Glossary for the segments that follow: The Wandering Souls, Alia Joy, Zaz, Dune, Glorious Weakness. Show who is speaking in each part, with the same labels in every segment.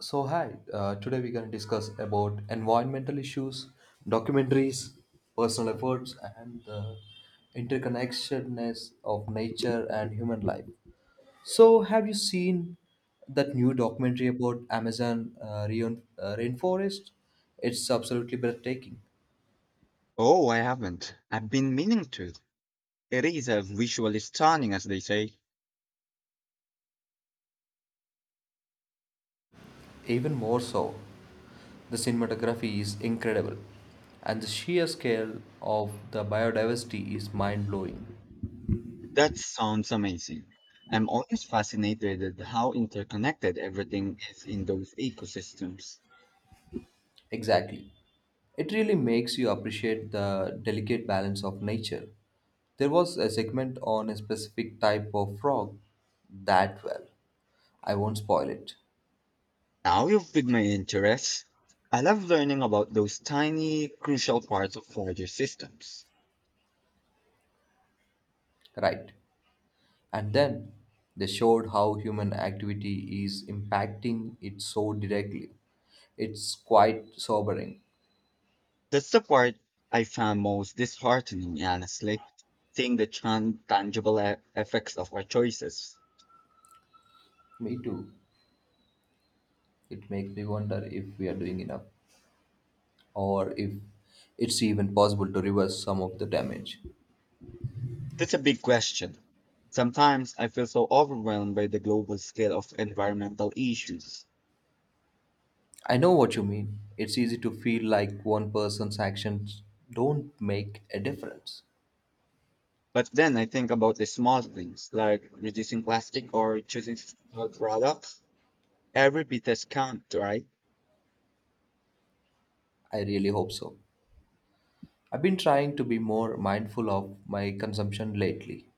Speaker 1: So hi, today we're going to discuss about environmental issues, documentaries, personal efforts, and the interconnectedness of nature and human life. So have you seen that new documentary about Amazon rainforest? It's absolutely breathtaking.
Speaker 2: Oh, I haven't. I've been meaning to. It is visually stunning, as they say.
Speaker 1: Even more so, the cinematography is incredible, and the sheer scale of the biodiversity is mind blowing.
Speaker 2: That sounds amazing. I'm always fascinated at how interconnected everything is in those ecosystems.
Speaker 1: Exactly. It really makes you appreciate the delicate balance of nature. There was a segment on a specific type of frog that I won't spoil it.
Speaker 2: Now you've piqued my interest. I love learning about those tiny, crucial parts of larger systems.
Speaker 1: Right. And then they showed how human activity is impacting it so directly. It's quite sobering.
Speaker 2: That's the part I found most disheartening, honestly, seeing the tangible effects of our choices.
Speaker 1: Me too. It makes me wonder if we are doing enough or if it's even possible to reverse some of the damage.
Speaker 2: That's a big question. Sometimes I feel so overwhelmed by the global scale of environmental issues.
Speaker 1: I know what you mean. It's easy to feel like one person's actions don't make a difference.
Speaker 2: But then I think about the small things like reducing plastic or choosing sustainable products. Every bit has count, right?
Speaker 1: I really hope so. I've been trying to be more mindful of my consumption lately.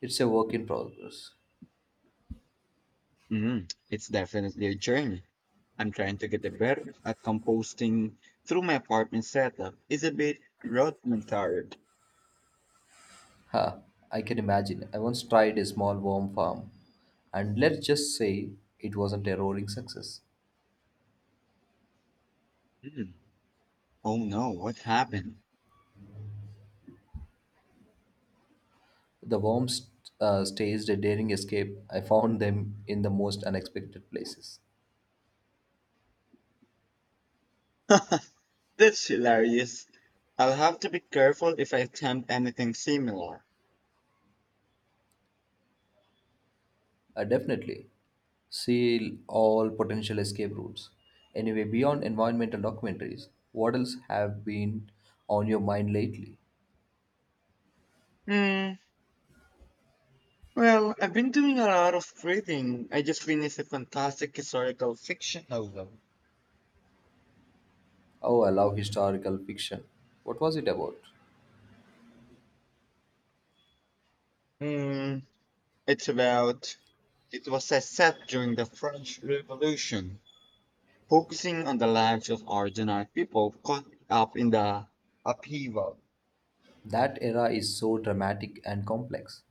Speaker 1: It's a work in progress.
Speaker 2: hmm It's definitely a journey. I'm trying to get better at composting through my apartment setup. It's a bit rudimentary.
Speaker 1: Ha, I can imagine. I once tried a small worm farm, and let's just say it wasn't a roaring success.
Speaker 2: Mm. Oh no, what happened?
Speaker 1: The worms staged a daring escape. I found them in the most unexpected places.
Speaker 2: That's hilarious. I'll have to be careful if I attempt anything similar.
Speaker 1: Definitely. See all potential escape routes. Anyway, beyond environmental documentaries, what else have been on your mind lately?
Speaker 2: Mm, well, I've been doing a lot of reading. I just finished a fantastic historical fiction novel.
Speaker 1: Oh, I love historical fiction. What was it about?
Speaker 2: Hmm, it's about, it was a set during the French Revolution, focusing on the lives of ordinary people caught up in the upheaval.
Speaker 1: That era is so dramatic and complex.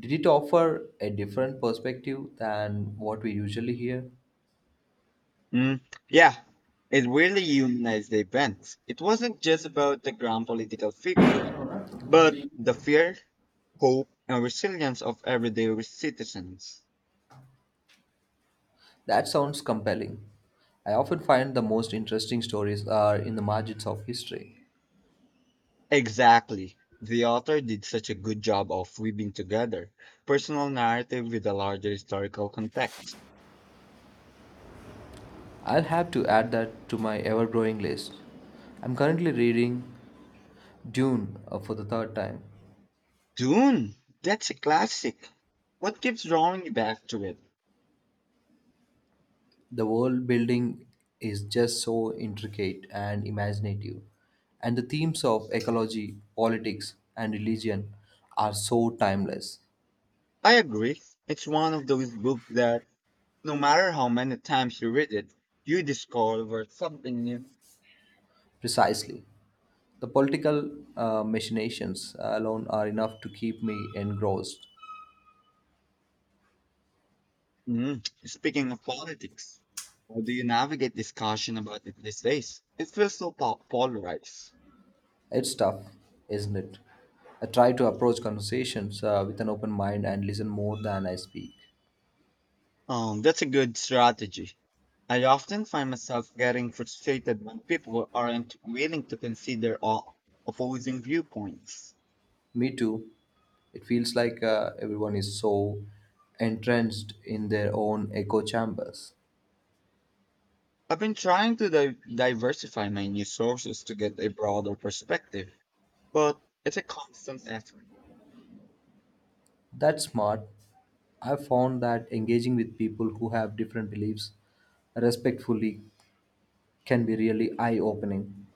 Speaker 1: Did it offer a different perspective than what we usually hear?
Speaker 2: Mm, yeah, it really humanized the event. It wasn't just about the grand political figures, but the fear, hope, and resilience of everyday citizens.
Speaker 1: That sounds compelling. I often find the most interesting stories are in the margins of history.
Speaker 2: Exactly. The author did such a good job of weaving together personal narrative with a larger historical context.
Speaker 1: I'll have to add that to my ever growing list. I'm currently reading Dune for the third time.
Speaker 2: Dune! That's a classic. What keeps drawing you back to it?
Speaker 1: The world building is just so intricate and imaginative, and the themes of ecology, politics, and religion are so timeless.
Speaker 2: I agree. It's one of those books that, no matter how many times you read it, you discover something new.
Speaker 1: Precisely. The political machinations alone are enough to keep me engrossed.
Speaker 2: Mm. Speaking of politics, how do you navigate discussion about it these days? It feels so polarized.
Speaker 1: It's tough, isn't it? I try to approach conversations with an open mind and listen more than I speak.
Speaker 2: That's a good strategy. I often find myself getting frustrated when people aren't willing to consider all opposing viewpoints.
Speaker 1: Me too. It feels like everyone is so entrenched in their own echo chambers.
Speaker 2: I've been trying to diversify my news sources to get a broader perspective, but it's a constant effort.
Speaker 1: That's smart. I found that engaging with people who have different beliefs respectfully can be really eye opening.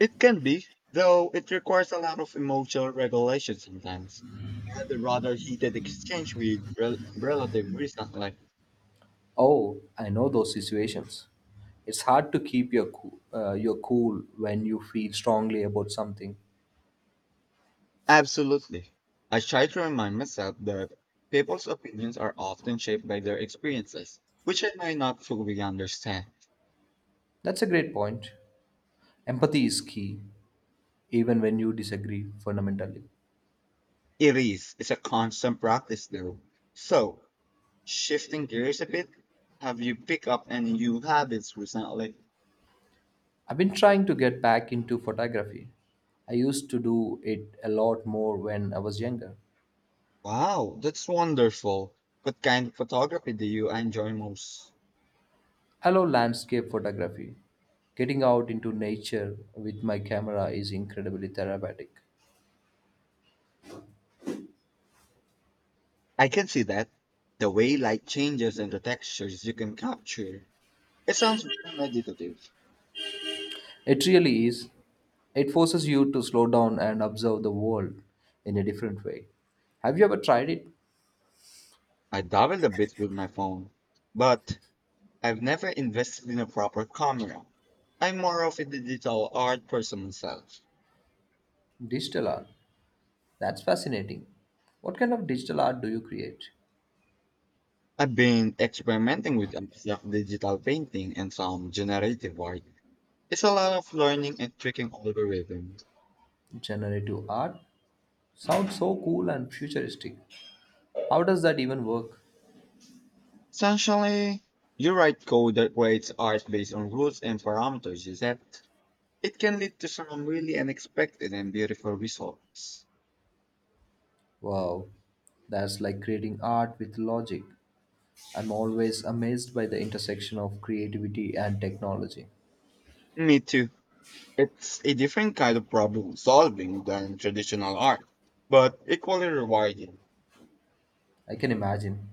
Speaker 2: It can be, though it requires a lot of emotional regulation sometimes. I had a rather heated exchange with relative recently.
Speaker 1: Oh, I know those situations. It's hard to keep your your cool when you feel strongly about something.
Speaker 2: Absolutely. I try to remind myself that people's opinions are often shaped by their experiences, which I may not fully understand.
Speaker 1: That's a great point. Empathy is key, even when you disagree fundamentally.
Speaker 2: It is. It's a constant practice, though. So, shifting gears a bit, have you picked up any new habits recently?
Speaker 1: I've been trying to get back into photography. I used to do it a lot more when I was younger.
Speaker 2: Wow, that's wonderful. What kind of photography do you enjoy most?
Speaker 1: I love landscape photography. Getting out into nature with my camera is incredibly therapeutic.
Speaker 2: I can see that. The way light changes and the textures you can capture. It sounds very meditative.
Speaker 1: It really is. It forces you to slow down and observe the world in a different way. Have you ever tried it?
Speaker 2: I dabbled a bit with my phone, but I've never invested in a proper camera. I'm more of a digital art person myself.
Speaker 1: Digital art. That's fascinating. What kind of digital art do you create?
Speaker 2: I've been experimenting with abstract digital painting and some generative art. It's a lot of learning and tricking algorithms.
Speaker 1: Generative art? Sounds so cool and futuristic. How does that even work?
Speaker 2: Essentially, you write code that creates art based on rules and parameters you set. It can lead to some really unexpected and beautiful results.
Speaker 1: Wow, that's like creating art with logic. I'm always amazed by the intersection of creativity and technology.
Speaker 2: Me too. It's a different kind of problem solving than traditional art, but equally rewarding.
Speaker 1: I can imagine.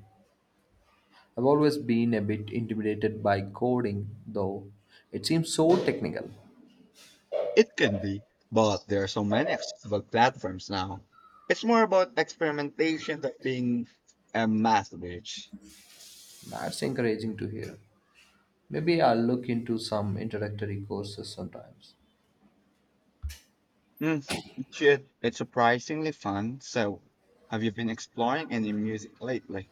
Speaker 1: I've always been a bit intimidated by coding, though. It seems so technical.
Speaker 2: It can be, but there are so many accessible platforms now. It's more about experimentation than being a math bitch.
Speaker 1: That's encouraging to hear. Maybe I'll look into some introductory courses sometimes.
Speaker 2: Mm, Shit. It's surprisingly fun. So, have you been exploring any music lately?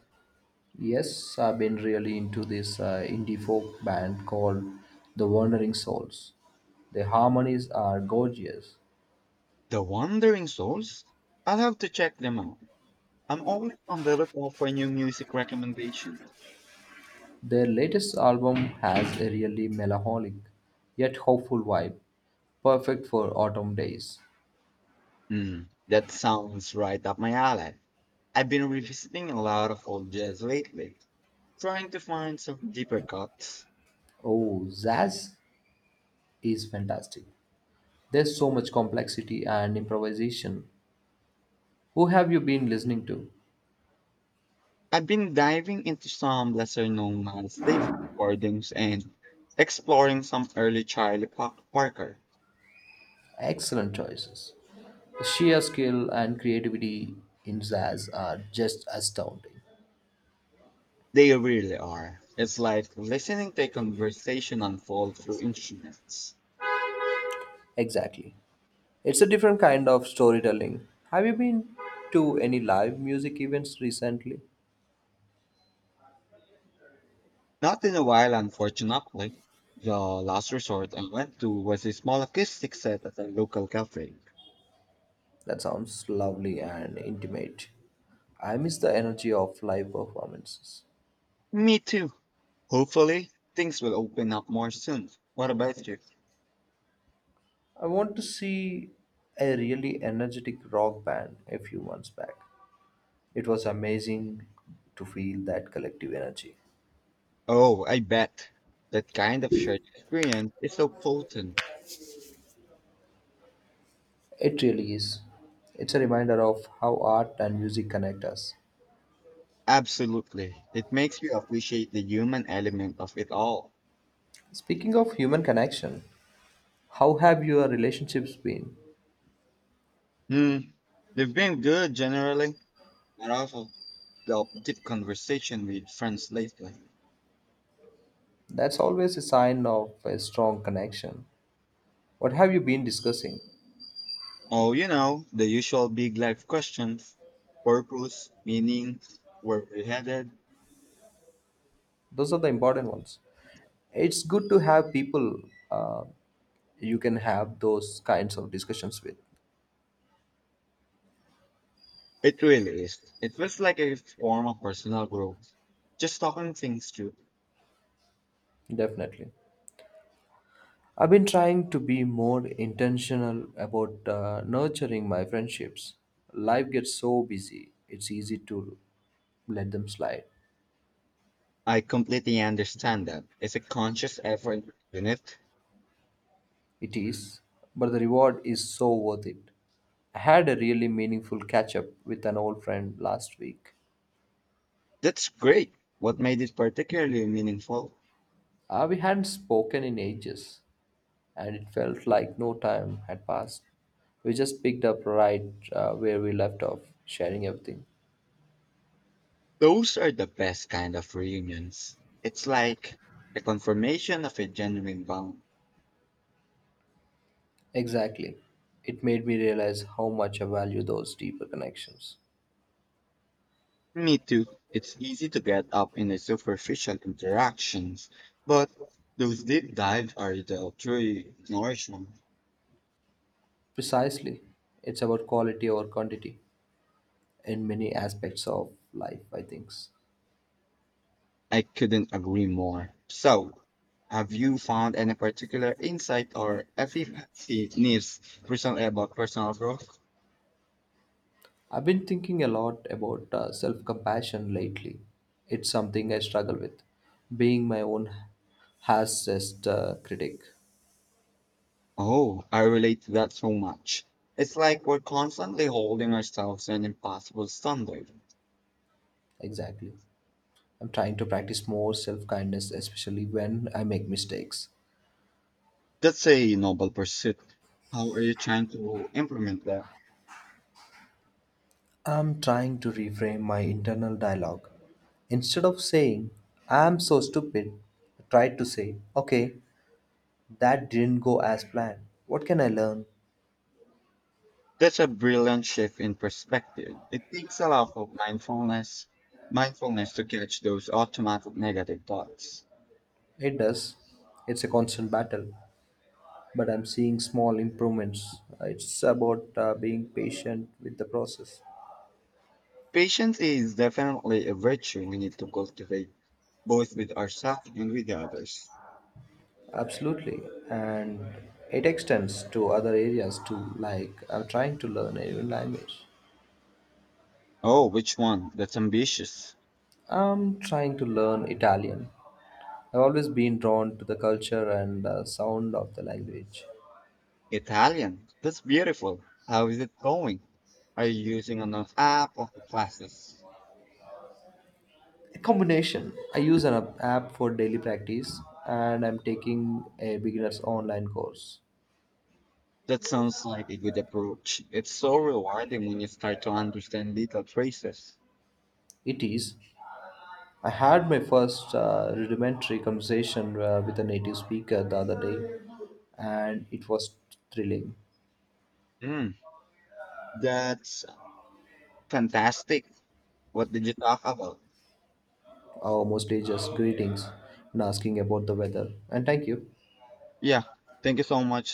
Speaker 1: Yes, I've been really into this indie folk band called The Wandering Souls. Their harmonies are gorgeous.
Speaker 2: The Wandering Souls? I'll have to check them out. I'm always on the lookout for new music recommendations.
Speaker 1: Their latest album has a really melancholic yet hopeful vibe, perfect for autumn days.
Speaker 2: That sounds right up my alley. I've been revisiting a lot of old jazz lately, trying to find some deeper cuts.
Speaker 1: Oh, Zaz is fantastic. There's so much complexity and improvisation. Who have you been listening to?
Speaker 2: I've been diving into some lesser known Miles Davis recordings and exploring some early Charlie Parker.
Speaker 1: Excellent choices. The sheer skill and creativity in Zaz are just astounding.
Speaker 2: They really are. It's like listening to a conversation unfold through instruments.
Speaker 1: Exactly. It's a different kind of storytelling. Have you been to any live music events recently?
Speaker 2: Not in a while, unfortunately. The last resort I went to was a small acoustic set at a local cafe.
Speaker 1: That sounds lovely and intimate. I miss the energy of live performances.
Speaker 2: Me too. Hopefully, things will open up more soon. What about you?
Speaker 1: I want to see a really energetic rock band a few months back. It was amazing to feel that collective energy.
Speaker 2: Oh, I bet. That kind of shared experience is so potent.
Speaker 1: It really is. It's a reminder of how art and music connect us.
Speaker 2: Absolutely. It makes you appreciate the human element of it all.
Speaker 1: Speaking of human connection, how have your relationships been?
Speaker 2: Hmm. They've been good generally, but also the deep conversation with friends lately.
Speaker 1: That's always a sign of a strong connection. What have you been discussing?
Speaker 2: Oh, you know, the usual big life questions. Purpose, meaning, where we're headed.
Speaker 1: Those are the important ones. It's good to have people uh, you can have those kinds of discussions with.
Speaker 2: It really is. It feels like a form of personal growth. Just talking things through.
Speaker 1: Definitely. I've been trying to be more intentional about nurturing my friendships. Life gets so busy, it's easy to let them slide.
Speaker 2: I completely understand that. It's a conscious effort, isn't it?
Speaker 1: It is, but the reward is so worth it. I had a really meaningful catch up with an old friend last week.
Speaker 2: That's great. What made it particularly meaningful?
Speaker 1: We hadn't spoken in ages, and it felt like no time had passed. We just picked up right where we left off, sharing everything.
Speaker 2: Those are the best kind of reunions. It's like a confirmation of a genuine bond.
Speaker 1: Exactly. It made me realize how much I value those deeper connections.
Speaker 2: Me too. It's easy to get up in the superficial interactions, but those deep dives are the true nourishment.
Speaker 1: Precisely. It's about quality over quantity in many aspects of life, I think.
Speaker 2: I couldn't agree more. So, have you found any particular insight or efficacy needs recently about personal growth?
Speaker 1: I've been thinking a lot about self compassion lately. It's something I struggle with, being my own harshest critic.
Speaker 2: Oh, I relate to that so much. It's like we're constantly holding ourselves to an impossible standard.
Speaker 1: Exactly. I'm trying to practice more self kindness, especially when I make mistakes.
Speaker 2: That's a noble pursuit. How are you trying to implement that?
Speaker 1: I'm trying to reframe my internal dialogue. Instead of saying, "I'm so stupid," I try to say, "Okay, that didn't go as planned. What can I learn?"
Speaker 2: That's a brilliant shift in perspective. It takes a lot of mindfulness to catch those automatic negative thoughts.
Speaker 1: It does. It's a constant battle, but I'm seeing small improvements. It's about being patient with the process.
Speaker 2: Patience is definitely a virtue we need to cultivate, both with ourselves and with others.
Speaker 1: Absolutely. And it extends to other areas too, like I'm trying to learn a new language.
Speaker 2: Oh, which one? That's ambitious.
Speaker 1: I'm trying to learn Italian. I've always been drawn to the culture and sound of the language.
Speaker 2: Italian. That's beautiful. How is it going? Are you using an app or classes?
Speaker 1: A combination. I use an app for daily practice and I'm taking a beginner's online course.
Speaker 2: That sounds like a good approach. It's so rewarding when you start to understand little traces.
Speaker 1: It is. I had my first rudimentary conversation with a native speaker the other day, and it was thrilling.
Speaker 2: Mm, that's fantastic. What did you talk about?
Speaker 1: Our mostly just greetings and asking about the weather. And thank you.
Speaker 2: Yeah, thank you so much.